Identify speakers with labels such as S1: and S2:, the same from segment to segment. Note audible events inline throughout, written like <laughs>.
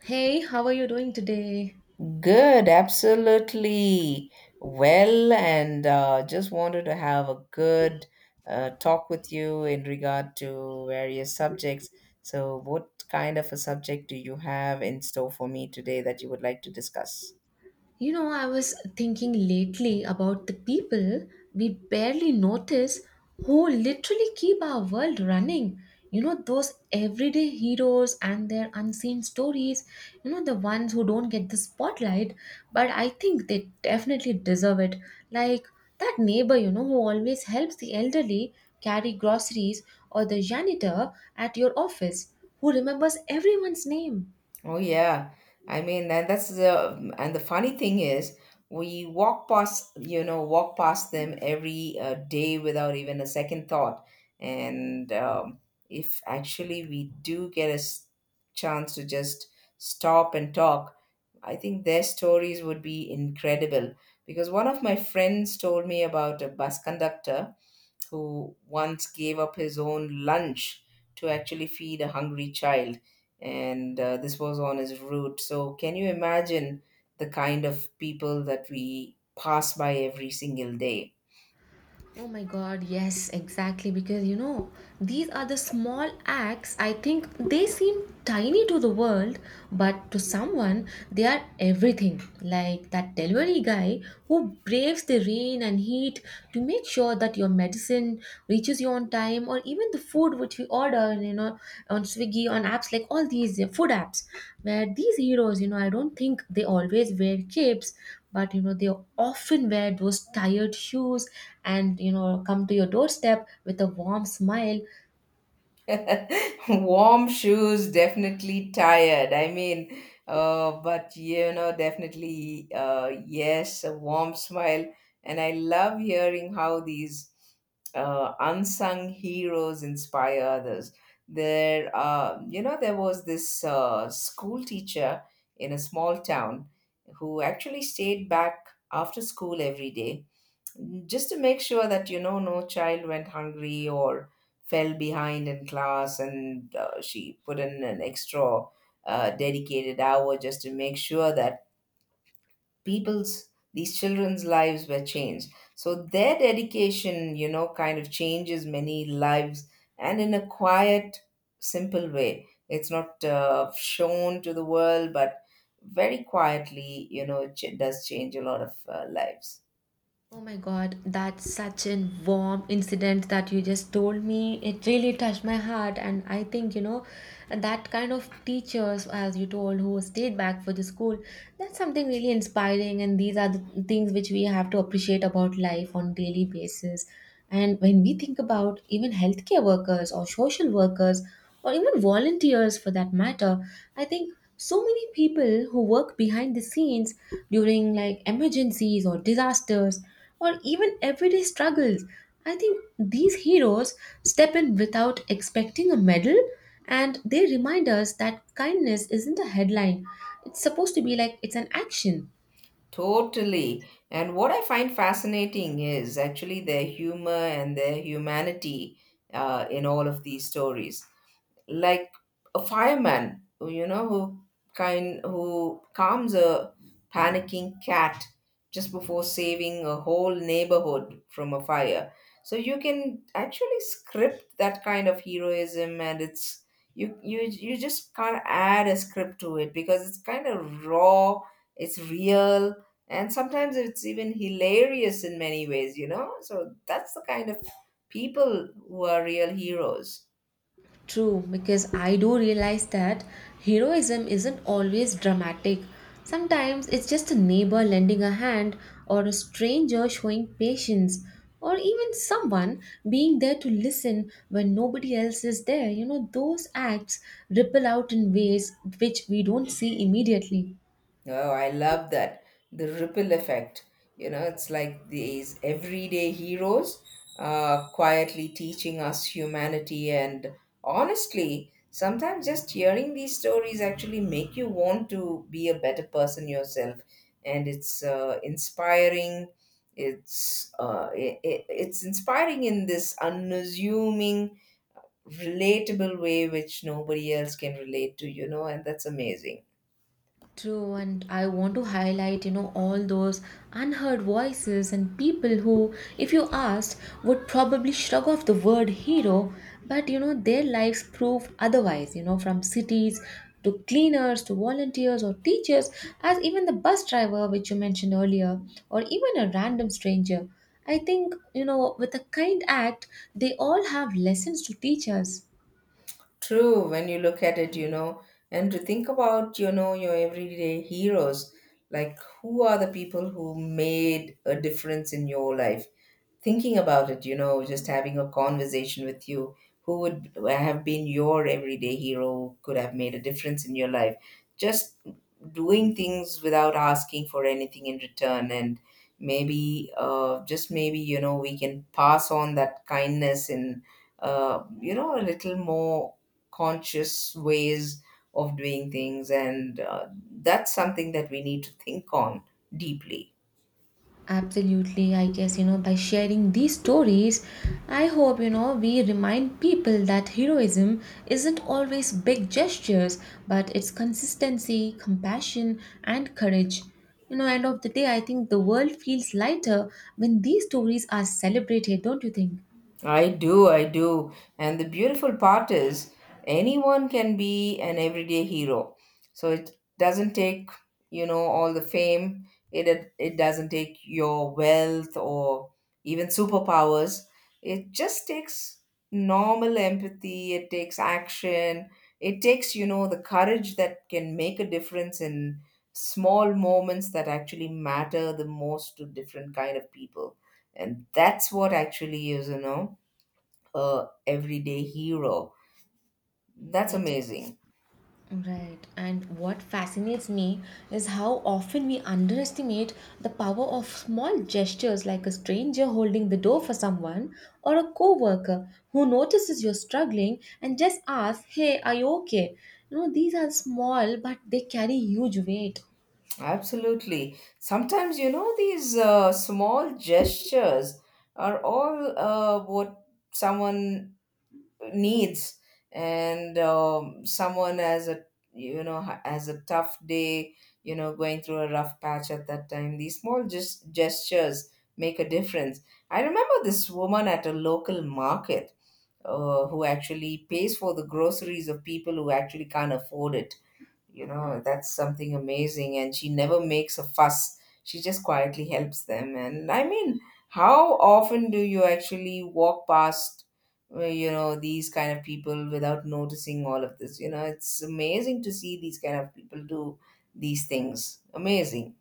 S1: Hey, how are you doing today?
S2: Good, absolutely. Well, and just wanted to have a good talk with you in regard to various subjects. So, what kind of a subject do you have in store for me today that you would like to discuss?
S1: You know, I was thinking lately about the people we barely notice who literally keep our world running. You know, those everyday heroes and their unseen stories, the ones who don't get the spotlight, but I think they definitely deserve it. Like that neighbor, who always helps the elderly carry groceries, or the janitor at your office who remembers everyone's name.
S2: Oh yeah, I mean, and the funny thing is, we walk past, walk past them every day without even a second thought. And If actually we do get a chance to just stop and talk, I think their stories would be incredible. Because one of my friends told me about a bus conductor who once gave up his own lunch to actually feed a hungry child. And This was on his route. So, can you imagine the kind of people that we pass by every single day?
S1: Oh my god, yes, exactly. Because you know, these are the small acts. I think they seem tiny to the world, but to someone, they are everything. Like that delivery guy who braves the rain and heat to make sure that your medicine reaches you on time, or even the food which we order, on Swiggy, on apps like all these food apps, where these heroes, I don't think they always wear capes, but you know they often wear those tired shoes and you know come to your doorstep with a warm smile.
S2: <laughs> Warm shoes, definitely tired. But you know, definitely, yes, a warm smile. And I love hearing how these unsung heroes inspire others. You know, there was this school teacher in a small town who actually stayed back after school every day just to make sure that you know no child went hungry or fell behind in class, and she put in an extra dedicated hour just to make sure that people's these children's lives were changed. So their dedication, you know, kind of changes many lives, and in a quiet, simple way. It's not shown to the world, but very quietly, you know, it does change a lot of lives.
S1: Oh my god, that's such a warm incident that you just told me. It really touched my heart, and I think you know that kind of teachers, as you told, who stayed back for the school, that's something really inspiring, and these are the things which we have to appreciate about life on daily basis. And when we think about even healthcare workers or social workers or even volunteers for that matter. I think so many people who work behind the scenes during like emergencies or disasters or even everyday struggles. I think these heroes step in without expecting a medal and they remind us that kindness isn't a headline. It's supposed to be like it's an action.
S2: Totally. And what I find fascinating is actually their humor and their humanity in all of these stories, like a fireman, you know, who kind who calms a panicking cat just before saving a whole neighborhood from a fire. So you can actually script that kind of heroism, and it's, you just can't add a script to it because it's kind of raw, it's real, and sometimes it's even hilarious in many ways, you know. So that's the kind of people who are real heroes.
S1: True, because I do realize that heroism isn't always dramatic. Sometimes it's just a neighbor lending a hand, or a stranger showing patience, or even someone being there to listen when nobody else is there. You know, those acts ripple out in ways which we don't see immediately.
S2: Oh, I love that. The ripple effect. You know, it's like these everyday heroes quietly teaching us humanity. And honestly, sometimes just hearing these stories actually make you want to be a better person yourself. And it's inspiring. It's it's inspiring in this unassuming, relatable way which nobody else can relate to. You know, and that's amazing.
S1: True, and I want to highlight, all those unheard voices and people who, if you asked, would probably shrug off the word hero, but you know, their lives prove otherwise, from cities to cleaners to volunteers or teachers, as even the bus driver, which you mentioned earlier, or even a random stranger. I think, with a kind act, they all have lessons to teach us.
S2: True, when you look at it, you know, and to think about, you know, your everyday heroes, like who are the people who made a difference in your life? Thinking about it, you know, just having a conversation with you, who would have been your everyday hero, could have made a difference in your life. Just doing things without asking for anything in return. And maybe, just maybe, you know, we can pass on that kindness in, you know, a little more conscious ways of doing things. And That's something that we need to think on deeply.
S1: Absolutely, I guess, by sharing these stories, I hope, we remind people that heroism isn't always big gestures, but it's consistency, compassion, and courage. You know, end of the day, I think the world feels lighter when these stories are celebrated, don't you think?
S2: I do, I do. And the beautiful part is, anyone can be an everyday hero. So it doesn't take, you know, all the fame. It doesn't take your wealth or even superpowers. It just takes normal empathy. It takes action. It takes, you know, the courage that can make a difference in small moments that actually matter the most to different kind of people. And that's what actually is, you know, a everyday hero. That's
S1: Right.
S2: amazing.
S1: Right, and what fascinates me is how often we underestimate the power of small gestures like a stranger holding the door for someone or a coworker who notices you're struggling and just asks, "Hey, are you okay?" You know, these are small but they carry huge weight.
S2: Absolutely. Sometimes, you know, these small gestures are all what someone needs. And Someone has a, you know, has a tough day, you know, going through a rough patch at that time. These small gestures make a difference. I remember this woman at a local market who actually pays for the groceries of people who actually can't afford it. You know, that's something amazing, and she never makes a fuss. She just quietly helps them. And I mean, how often do you actually walk past, you know, these kind of people without noticing all of this? You know, it's amazing to see these kind of people do these things. Amazing.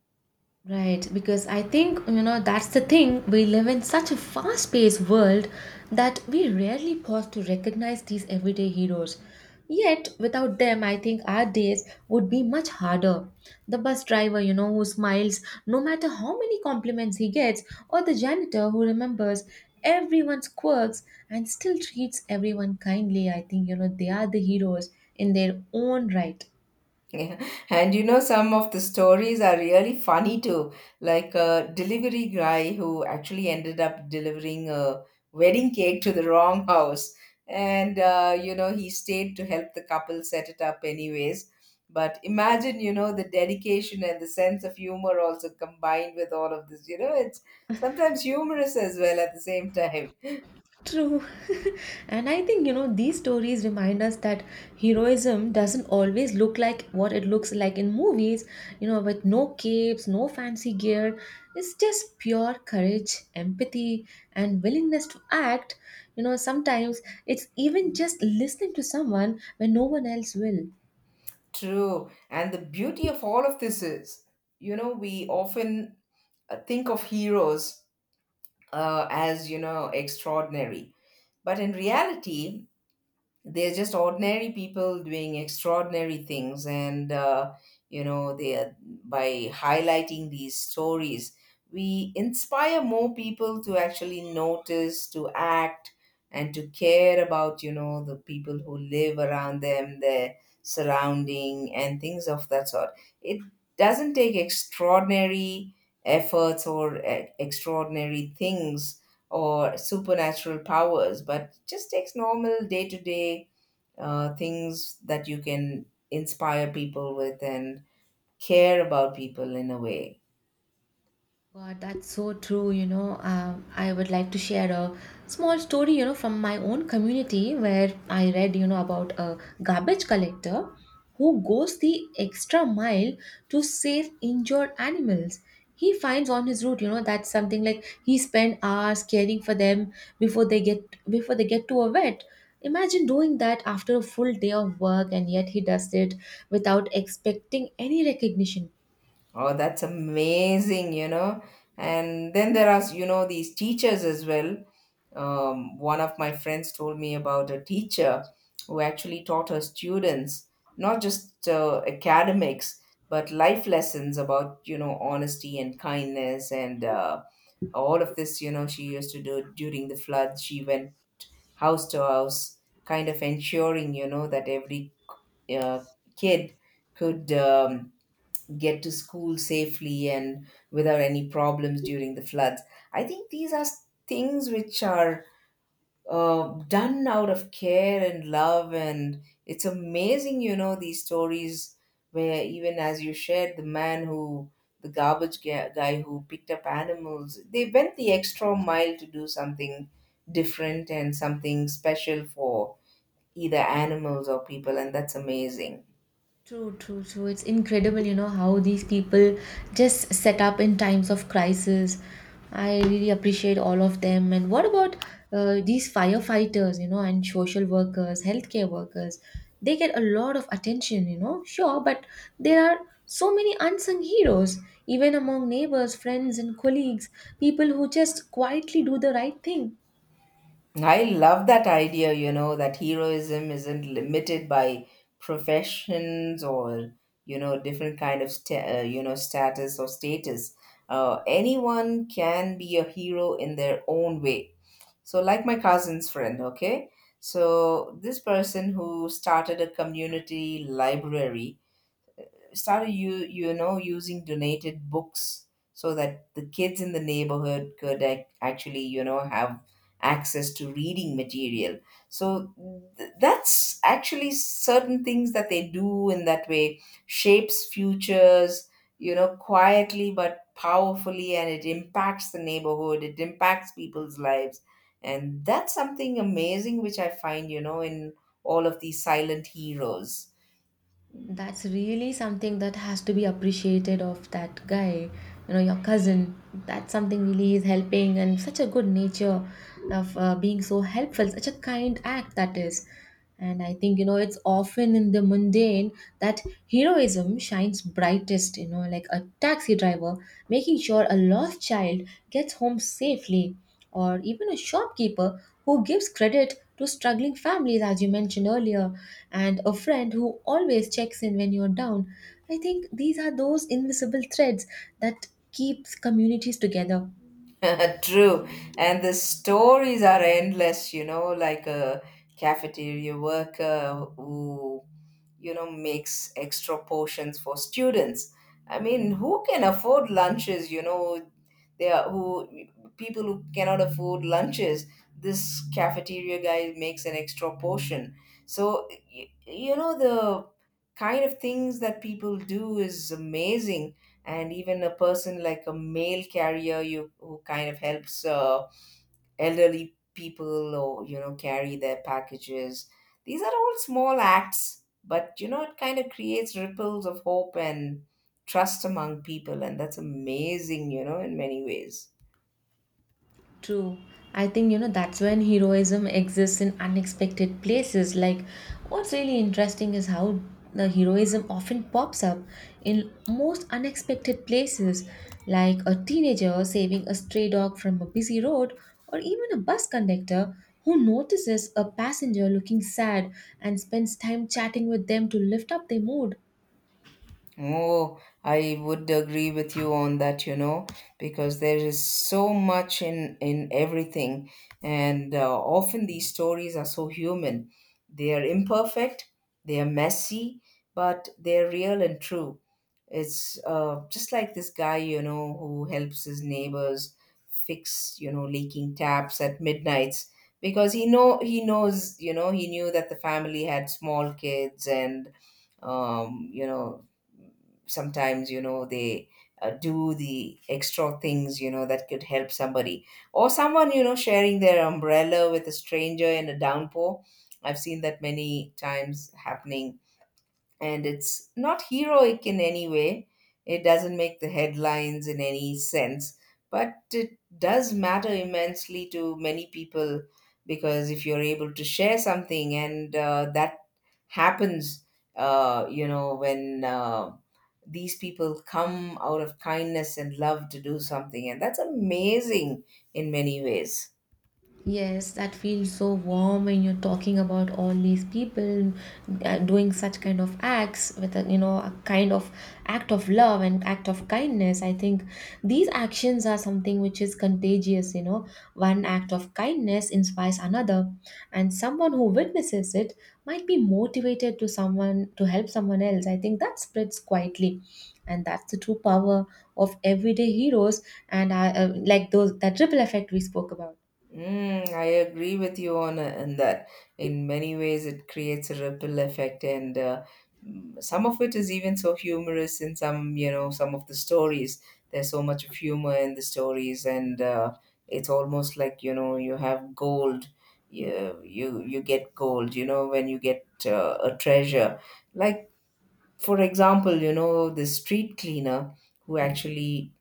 S1: Right, because I think, that's the thing. We live in such a fast paced world that we rarely pause to recognize these everyday heroes. Yet, without them, I think our days would be much harder. The bus driver, who smiles no matter how many compliments he gets, or the janitor who remembers everyone's quirks and still treats everyone kindly, I think, they are the heroes in their own right.
S2: <laughs> Yeah. And you know, some of the stories are really funny too. Like a delivery guy who actually ended up delivering a wedding cake to the wrong house. And, you know, he stayed to help the couple set it up anyways. But imagine, you know, the dedication and the sense of humor also combined with all of this. You know, it's sometimes humorous as well at the same time. <laughs>
S1: True. <laughs> And I think, these stories remind us that heroism doesn't always look like what it looks like in movies, with no capes, no fancy gear. It's just pure courage, empathy, and willingness to act. You know, sometimes it's even just listening to someone when no one else will.
S2: True. And the beauty of all of this is, you know, we often think of heroes as, you know, extraordinary, but in reality they're just ordinary people doing extraordinary things. And you know, they are, by highlighting these stories, we inspire more people to actually notice, to act, and to care about, you know, the people who live around them, their surrounding and things of that sort. It doesn't take extraordinary efforts or extraordinary things or supernatural powers, but just takes normal day to day things that you can inspire people with and care about people in a way.
S1: God, that's so true. I would like to share a small story, from my own community where I read, about a garbage collector who goes the extra mile to save injured animals. He finds on his route, that's something like he spent hours caring for them before they get to a vet. Imagine doing that after a full day of work, and yet he does it without expecting any recognition.
S2: Oh, that's amazing, you know. And then there are, you know, these teachers as well. One of my friends told me about a teacher who actually taught her students not just academics, but life lessons about, you know, honesty and kindness, and all of this. You know, she used to do during the flood. She went house to house, kind of ensuring, you know, that every uh, kid could. Get to school safely and without any problems during the floods. I think these are things which are done out of care and love, and it's amazing, you know, these stories where, even as you shared, the man who, the guy who picked up animals, they went the extra mile to do something different and something special for either animals or people, and that's amazing.
S1: True, true, true. It's incredible, how these people just set up in times of crisis. I really appreciate all of them. And what about these firefighters, and social workers, healthcare workers? They get a lot of attention, sure, but there are so many unsung heroes, even among neighbors, friends, and colleagues, people who just quietly do the right thing.
S2: I love that idea, you know, that heroism isn't limited by professions or, you know, different kind of, you know, status or status. Anyone can be a hero in their own way. So, like my cousin's friend, okay? So this person who started a community library, started, you know, using donated books so that the kids in the neighborhood could actually, you know, have access to reading material. So that's actually certain things that they do, in that way shapes futures, you know, quietly but powerfully, and it impacts the neighborhood, it impacts people's lives. And that's something amazing which I find, you know, in all of these silent heroes.
S1: That's really something that has to be appreciated of that guy, your cousin. That's something really is helping and such a good nature of being so helpful, such a kind act that is. And I think, it's often in the mundane that heroism shines brightest, like a taxi driver making sure a lost child gets home safely or even a shopkeeper who gives credit to struggling families, as you mentioned earlier, and a friend who always checks in when you're down. I think these are those invisible threads that keeps communities together.
S2: <laughs> True. And the stories are endless, you know, like a cafeteria worker who, you know, makes extra portions for students. I mean, who can afford lunches, you know, they are who, people who cannot afford lunches, this cafeteria guy makes an extra portion. So, you know, the kind of things that people do is amazing. And even a person like a mail carrier, you who kind of helps elderly people or, you know, carry their packages, these are all small acts, but you know, it kind of creates ripples of hope and trust among people, and that's amazing, you know, in many ways.
S1: True. I think, that's when heroism exists in unexpected places. Like, what's really interesting is how the heroism often pops up in most unexpected places, like a teenager saving a stray dog from a busy road, or even a bus conductor who notices a passenger looking sad and spends time chatting with them to lift up their mood.
S2: Oh, I would agree with you on that, you know, because there is so much in everything, and often these stories are so human. They are imperfect, they are messy, but they're real and true. It's just like this guy, you know, who helps his neighbors fix, you know, leaking taps at midnights because he knows, you know, he knew that the family had small kids. And you know, sometimes, you know, they do the extra things, you know, that could help somebody or someone, you know, sharing their umbrella with a stranger in a downpour. I've seen that many times happening, and it's not heroic in any way. It doesn't make the headlines in any sense, but it does matter immensely to many people, because if you're able to share something, and that happens, you know, when these people come out of kindness and love to do something, and that's amazing in many ways.
S1: Yes, that feels so warm when you're talking about all these people doing such kind of acts with a, a kind of act of love and act of kindness. I think these actions are something which is contagious. You know, one act of kindness inspires another, and someone who witnesses it might be motivated to someone to help someone else. I think that spreads quietly. And that's the true power of everyday heroes, and like those that ripple effect we spoke about.
S2: Mm, I agree with you on in that. In many ways, it creates a ripple effect, and mm, some of it is even so humorous. In some, you know, some of the stories, there's so much of humor in the stories, and it's almost like you know you have gold. You get gold. You know, when you get a treasure, like for example, you know, the street cleaner who actually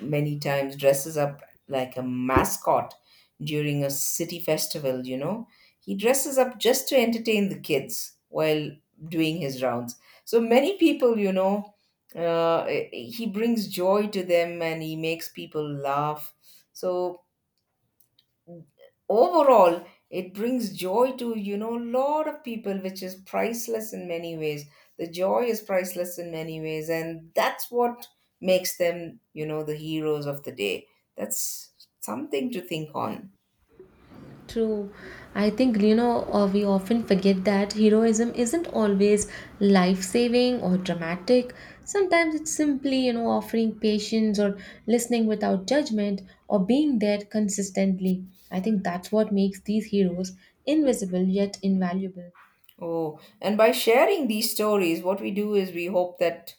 S2: many times dresses up like a mascot during a city festival, you know. He dresses up just to entertain the kids while doing his rounds. So many people, uh, he brings joy to them and he makes people laugh. So overall it brings joy to a lot of people, which is priceless in many ways. The joy is priceless in many ways, and that's what makes them, the heroes of the day. That's something to think on.
S1: True. I think, we often forget that heroism isn't always life saving or dramatic. Sometimes it's simply, offering patience or listening without judgment or being there consistently. I think that's what makes these heroes invisible yet invaluable.
S2: Oh, and by sharing these stories, what we do is we hope that,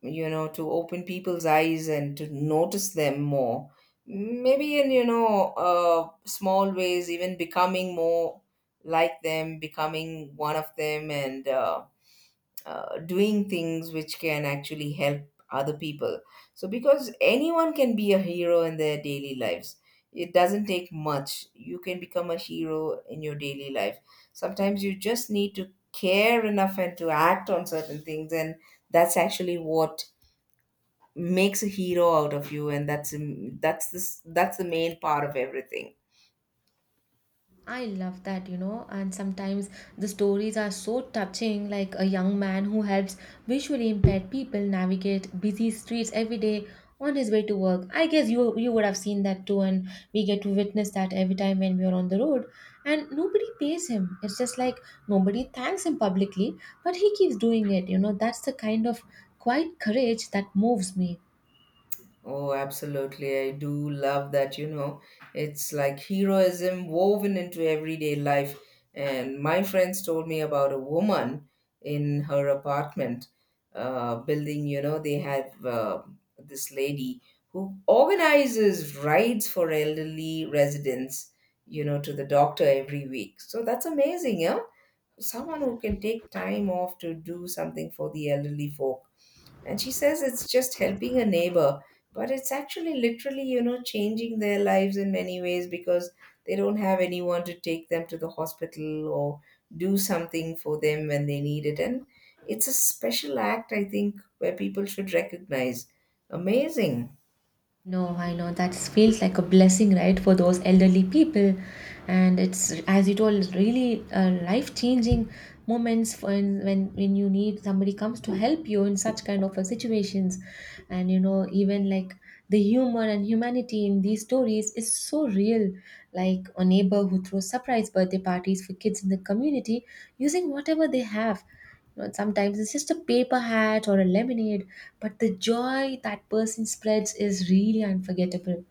S2: you know, to open people's eyes and to notice them more. Maybe in, small ways, even becoming more like them, becoming one of them, and doing things which can actually help other people. So, because anyone can be a hero in their daily lives, it doesn't take much. You can become a hero in your daily life. Sometimes you just need to care enough and to act on certain things, and that's actually what makes a hero out of you. And that's this that's the main part of everything.
S1: I love that, and sometimes the stories are so touching, like a young man who helps visually impaired people navigate busy streets every day on his way to work. I guess you would have seen that too, and we get to witness that every time when we are on the road. And nobody pays him. It's just like nobody thanks him publicly, but he keeps doing it. You know, that's the kind of quiet courage that moves me.
S2: Oh, absolutely, I do love that. You know, it's like heroism woven into everyday life. And my friends told me about a woman in her apartment building. You know, they have this lady who organizes rides for elderly residents, you know, to the doctor every week. So that's amazing, yeah. Someone who can take time off to do something for the elderly folk. And she says it's just helping a neighbor, but it's actually literally, you know, changing their lives in many ways, because they don't have anyone to take them to the hospital or do something for them when they need it. And it's a special act, I think, where people should recognize. Amazing.
S1: No, I know that feels like a blessing, right, for those elderly people, and it's as you told, really life-changing moments when you need somebody comes to help you in such kind of a situations, and you know even like the humor and humanity in these stories is so real. Like a neighbor who throws surprise birthday parties for kids in the community using whatever they have. But sometimes it's just a paper hat or a lemonade, but the joy that person spreads is really unforgettable.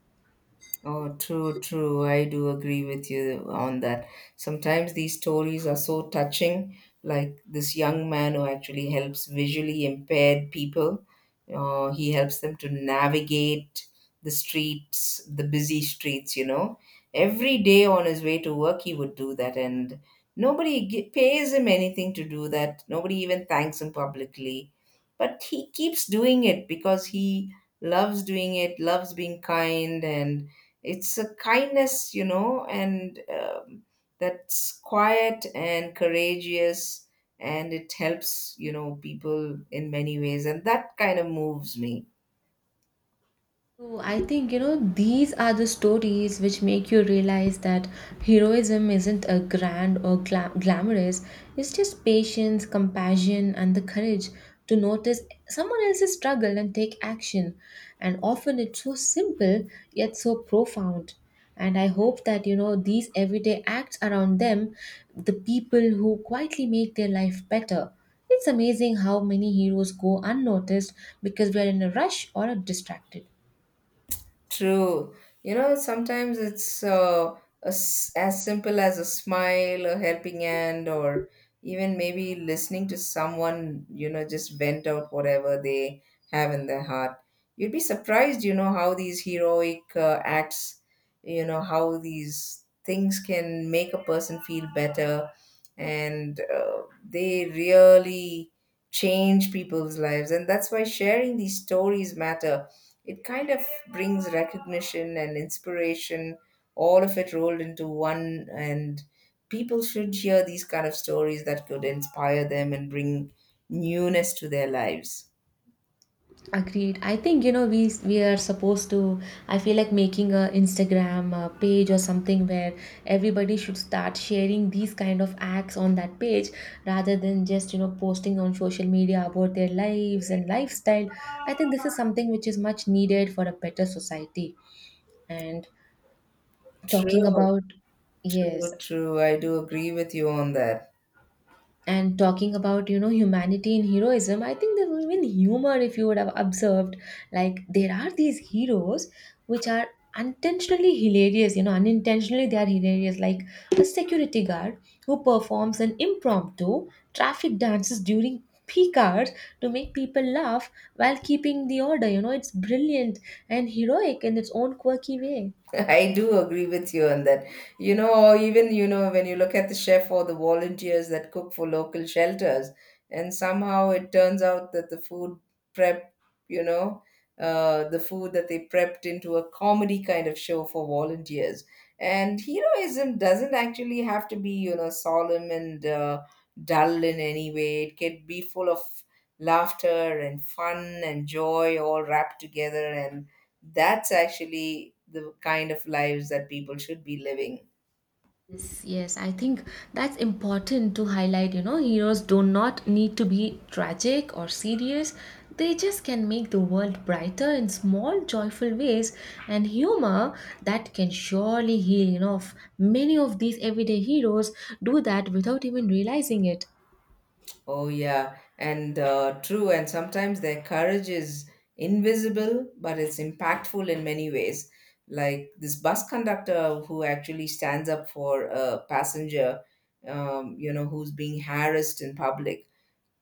S2: Oh, true, true. I do agree with you on that. Sometimes these stories are so touching, like this young man who actually helps visually impaired people. He helps them to navigate the streets, the busy streets, you know. Every day on his way to work, he would do that, and pays him anything to do that. Nobody even thanks him publicly. But he keeps doing it because he loves doing it, loves being kind, and it's a kindness, you know. And that's quiet and courageous, and it helps, you know, people in many ways, and that kind of moves me.
S1: So I think you know these are the stories which make you realize that heroism isn't a grand or glamorous. It's just patience, compassion, and the courage to notice someone else's struggle and take action. And often it's so simple yet so profound. And I hope that you know these everyday acts around them, the people who quietly make their life better. It's amazing how many heroes go unnoticed because we are in a rush or are distracted.
S2: True. You know, sometimes it's as simple as a smile, a helping hand, or even maybe listening to someone, you know, just vent out whatever they have in their heart. You'd be surprised, you know, how these heroic acts, you know, how these things can make a person feel better. And they really change people's lives. And that's why sharing these stories matter. It kind of brings recognition and inspiration, all of it rolled into one. And people should hear these kind of stories that could inspire them and bring newness to their lives.
S1: Agreed. I think you know we are supposed to. I feel like making a Instagram page or something where everybody should start sharing these kind of acts on that page rather than just you know posting on social media about their lives and lifestyle. I think this is something which is much needed for a better society. And talking
S2: True,
S1: about yes,
S2: true, true. I do agree with you on that.
S1: and talking about you know humanity and heroism, I think there was even humor if you would have observed. Like there are these heroes which are unintentionally hilarious, you know unintentionally they are hilarious, like a security guard who performs an impromptu traffic dances during peak hours to make people laugh while keeping the order. You know, it's brilliant and heroic in its own quirky way.
S2: <laughs> I do agree with you on that. You know, or even, you know, when you look at the chef or the volunteers that cook for local shelters, and somehow it turns out that the food prep, you know, the food that they prepped into a comedy kind of show for volunteers. And heroism doesn't actually have to be, you know, solemn and dull in any way. It can be full of laughter and fun and joy all wrapped together, and that's actually the kind of lives that people should be living.
S1: Yes, yes, I think that's important to highlight. You know, heroes do not need to be tragic or serious. They just can make the world brighter in small, joyful ways, and humor that can surely heal. Many of these everyday heroes do that without even realizing it.
S2: Oh, yeah. And true. And sometimes their courage is invisible, but it's impactful in many ways. Like this bus conductor who actually stands up for a passenger, you know, who's being harassed in public.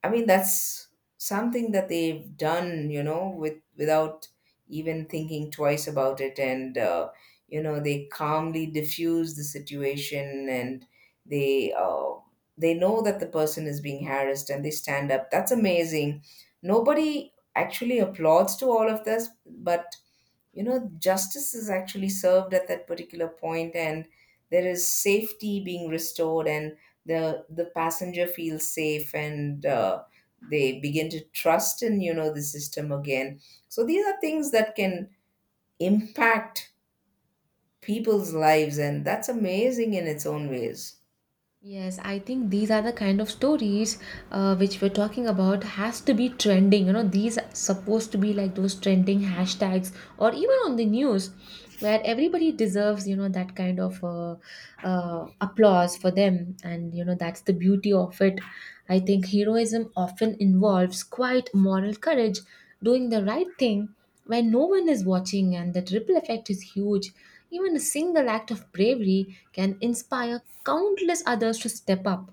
S2: I mean, that's something that they've done, you know, without even thinking twice about it, and you know, they calmly diffuse the situation, and they uh, they know that the person is being harassed, and they stand up. That's amazing. Nobody actually applauds to all of this, but you know justice is actually served at that particular point, and there is safety being restored, and the passenger feels safe. And they begin to trust in, you know, the system again. So these are things that can impact people's lives, and that's amazing in its own ways.
S1: Yes, I think these are the kind of stories which we're talking about has to be trending. You know, these are supposed to be like those trending hashtags or even on the news where everybody deserves, that kind of applause for them. And, you know, that's the beauty of it. I think heroism often involves quite moral courage, doing the right thing when no one is watching, and that ripple effect is huge. Even a single act of bravery can inspire countless others to step up.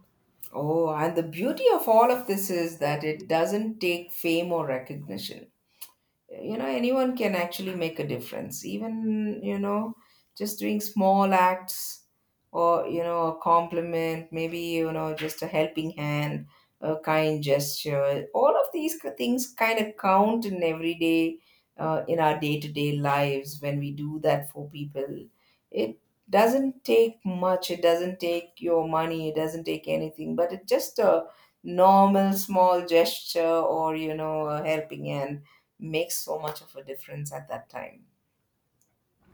S2: Oh, and the beauty of all of this is that it doesn't take fame or recognition. You know, anyone can actually make a difference, even, you know, just doing small acts, or, you know, a compliment, maybe, you know, just a helping hand, a kind gesture. All of these things kind of count in everyday, in our day-to-day lives. When we do that for people, it doesn't take much, it doesn't take your money, it doesn't take anything, but it's just a normal small gesture, or, you know, a helping hand, makes so much of a difference at that time.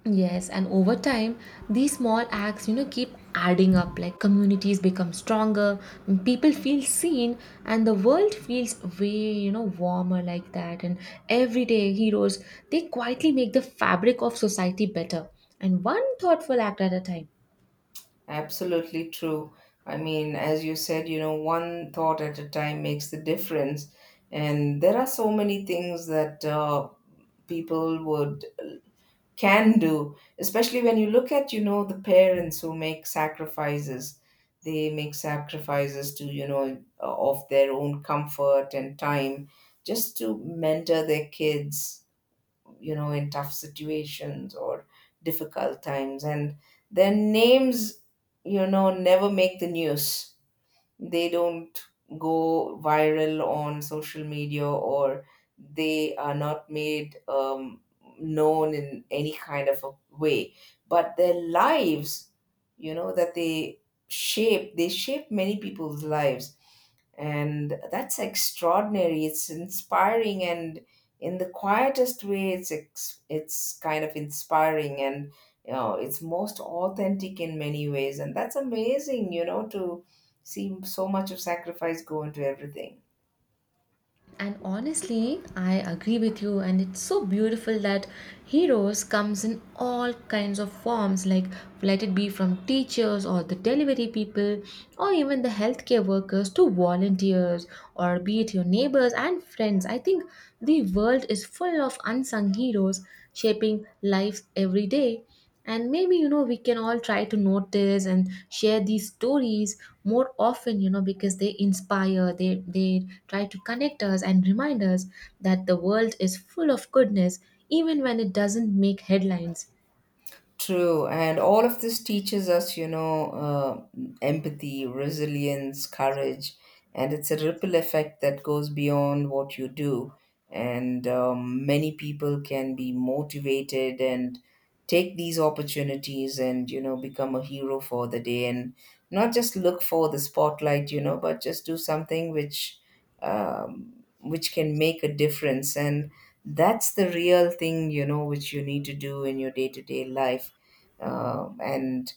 S1: Yes, and over time, these small acts, keep adding up. Like communities become stronger, people feel seen, and the world feels way, warmer like that. And everyday heroes, they quietly make the fabric of society better, and one thoughtful act at a time.
S2: Absolutely true. I mean, as you said, you know, one thought at a time makes the difference. And there are so many things that people would can do, especially when you look at, you know, the parents who make sacrifices. They make sacrifices to, you know, of their own comfort and time just to mentor their kids, you know, in tough situations or difficult times. And their names, you know, never make the news. They don't go viral on social media, or they are not made known in any kind of a way. But their lives, you know, that they they shape many people's lives, and that's extraordinary. It's inspiring, and in the quietest way it's it's kind of inspiring. And you know, it's most authentic in many ways, and that's amazing, you know, to see so much of sacrifice go into everything.
S1: And honestly, I agree with you, and it's so beautiful that heroes comes in all kinds of forms, like let it be from teachers or the delivery people or even the healthcare workers to volunteers or be it your neighbors and friends. I think the world is full of unsung heroes shaping lives every day, and maybe you know we can all try to notice and share these stories more often, you know, because they inspire, they try to connect us and remind us that the world is full of goodness even when it doesn't make headlines.
S2: True, and all of this teaches us, you know, empathy, resilience, courage, and it's a ripple effect that goes beyond what you do. And many people can be motivated and take these opportunities and, you know, become a hero for the day, and not just look for the spotlight, you know, but just do something um, which can make a difference. And that's the real thing, you know, which you need to do in your day-to-day life. And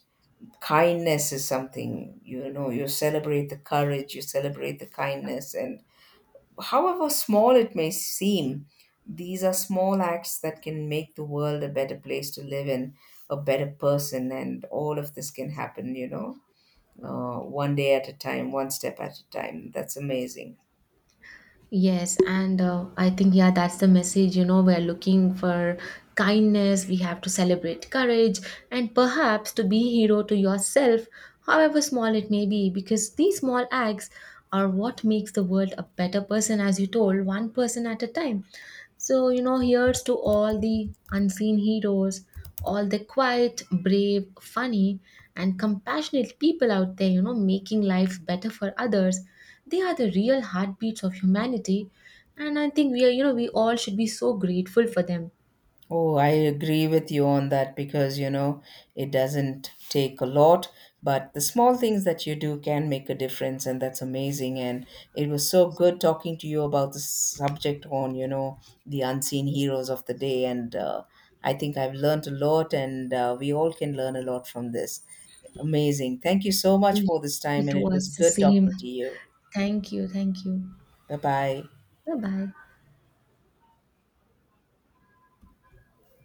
S2: kindness is something, you know. You celebrate the courage, you celebrate the kindness, and however small it may seem, these are small acts that can make the world a better place to live in, a better person, and all of this can happen, you know, one day at a time, one step at a time. That's amazing.
S1: Yes, and I think, yeah, that's the message. You know, we're looking for kindness, we have to celebrate courage, and perhaps to be hero to yourself, however small it may be, because these small acts are what makes the world a better person, as you told, one person at a time. So, you know, here's to all the unseen heroes, all the quiet, brave, funny, and compassionate people out there, making life better for others. They are the real heartbeats of humanity. And I think we are, we all should be so grateful for them.
S2: Oh, I agree with you on that, because you know it doesn't take a lot, but the small things that you do can make a difference, and that's amazing. And it was so good talking to you about the subject on, you know, the unseen heroes of the day. And I think I've learned a lot, and we all can learn a lot from this. Amazing. Thank you so much
S1: Yeah,
S2: for this time,
S1: it
S2: and it was
S1: was the
S2: good
S1: same.
S2: talking to you.
S1: Thank you. Thank you.
S2: Bye bye.
S1: Bye bye.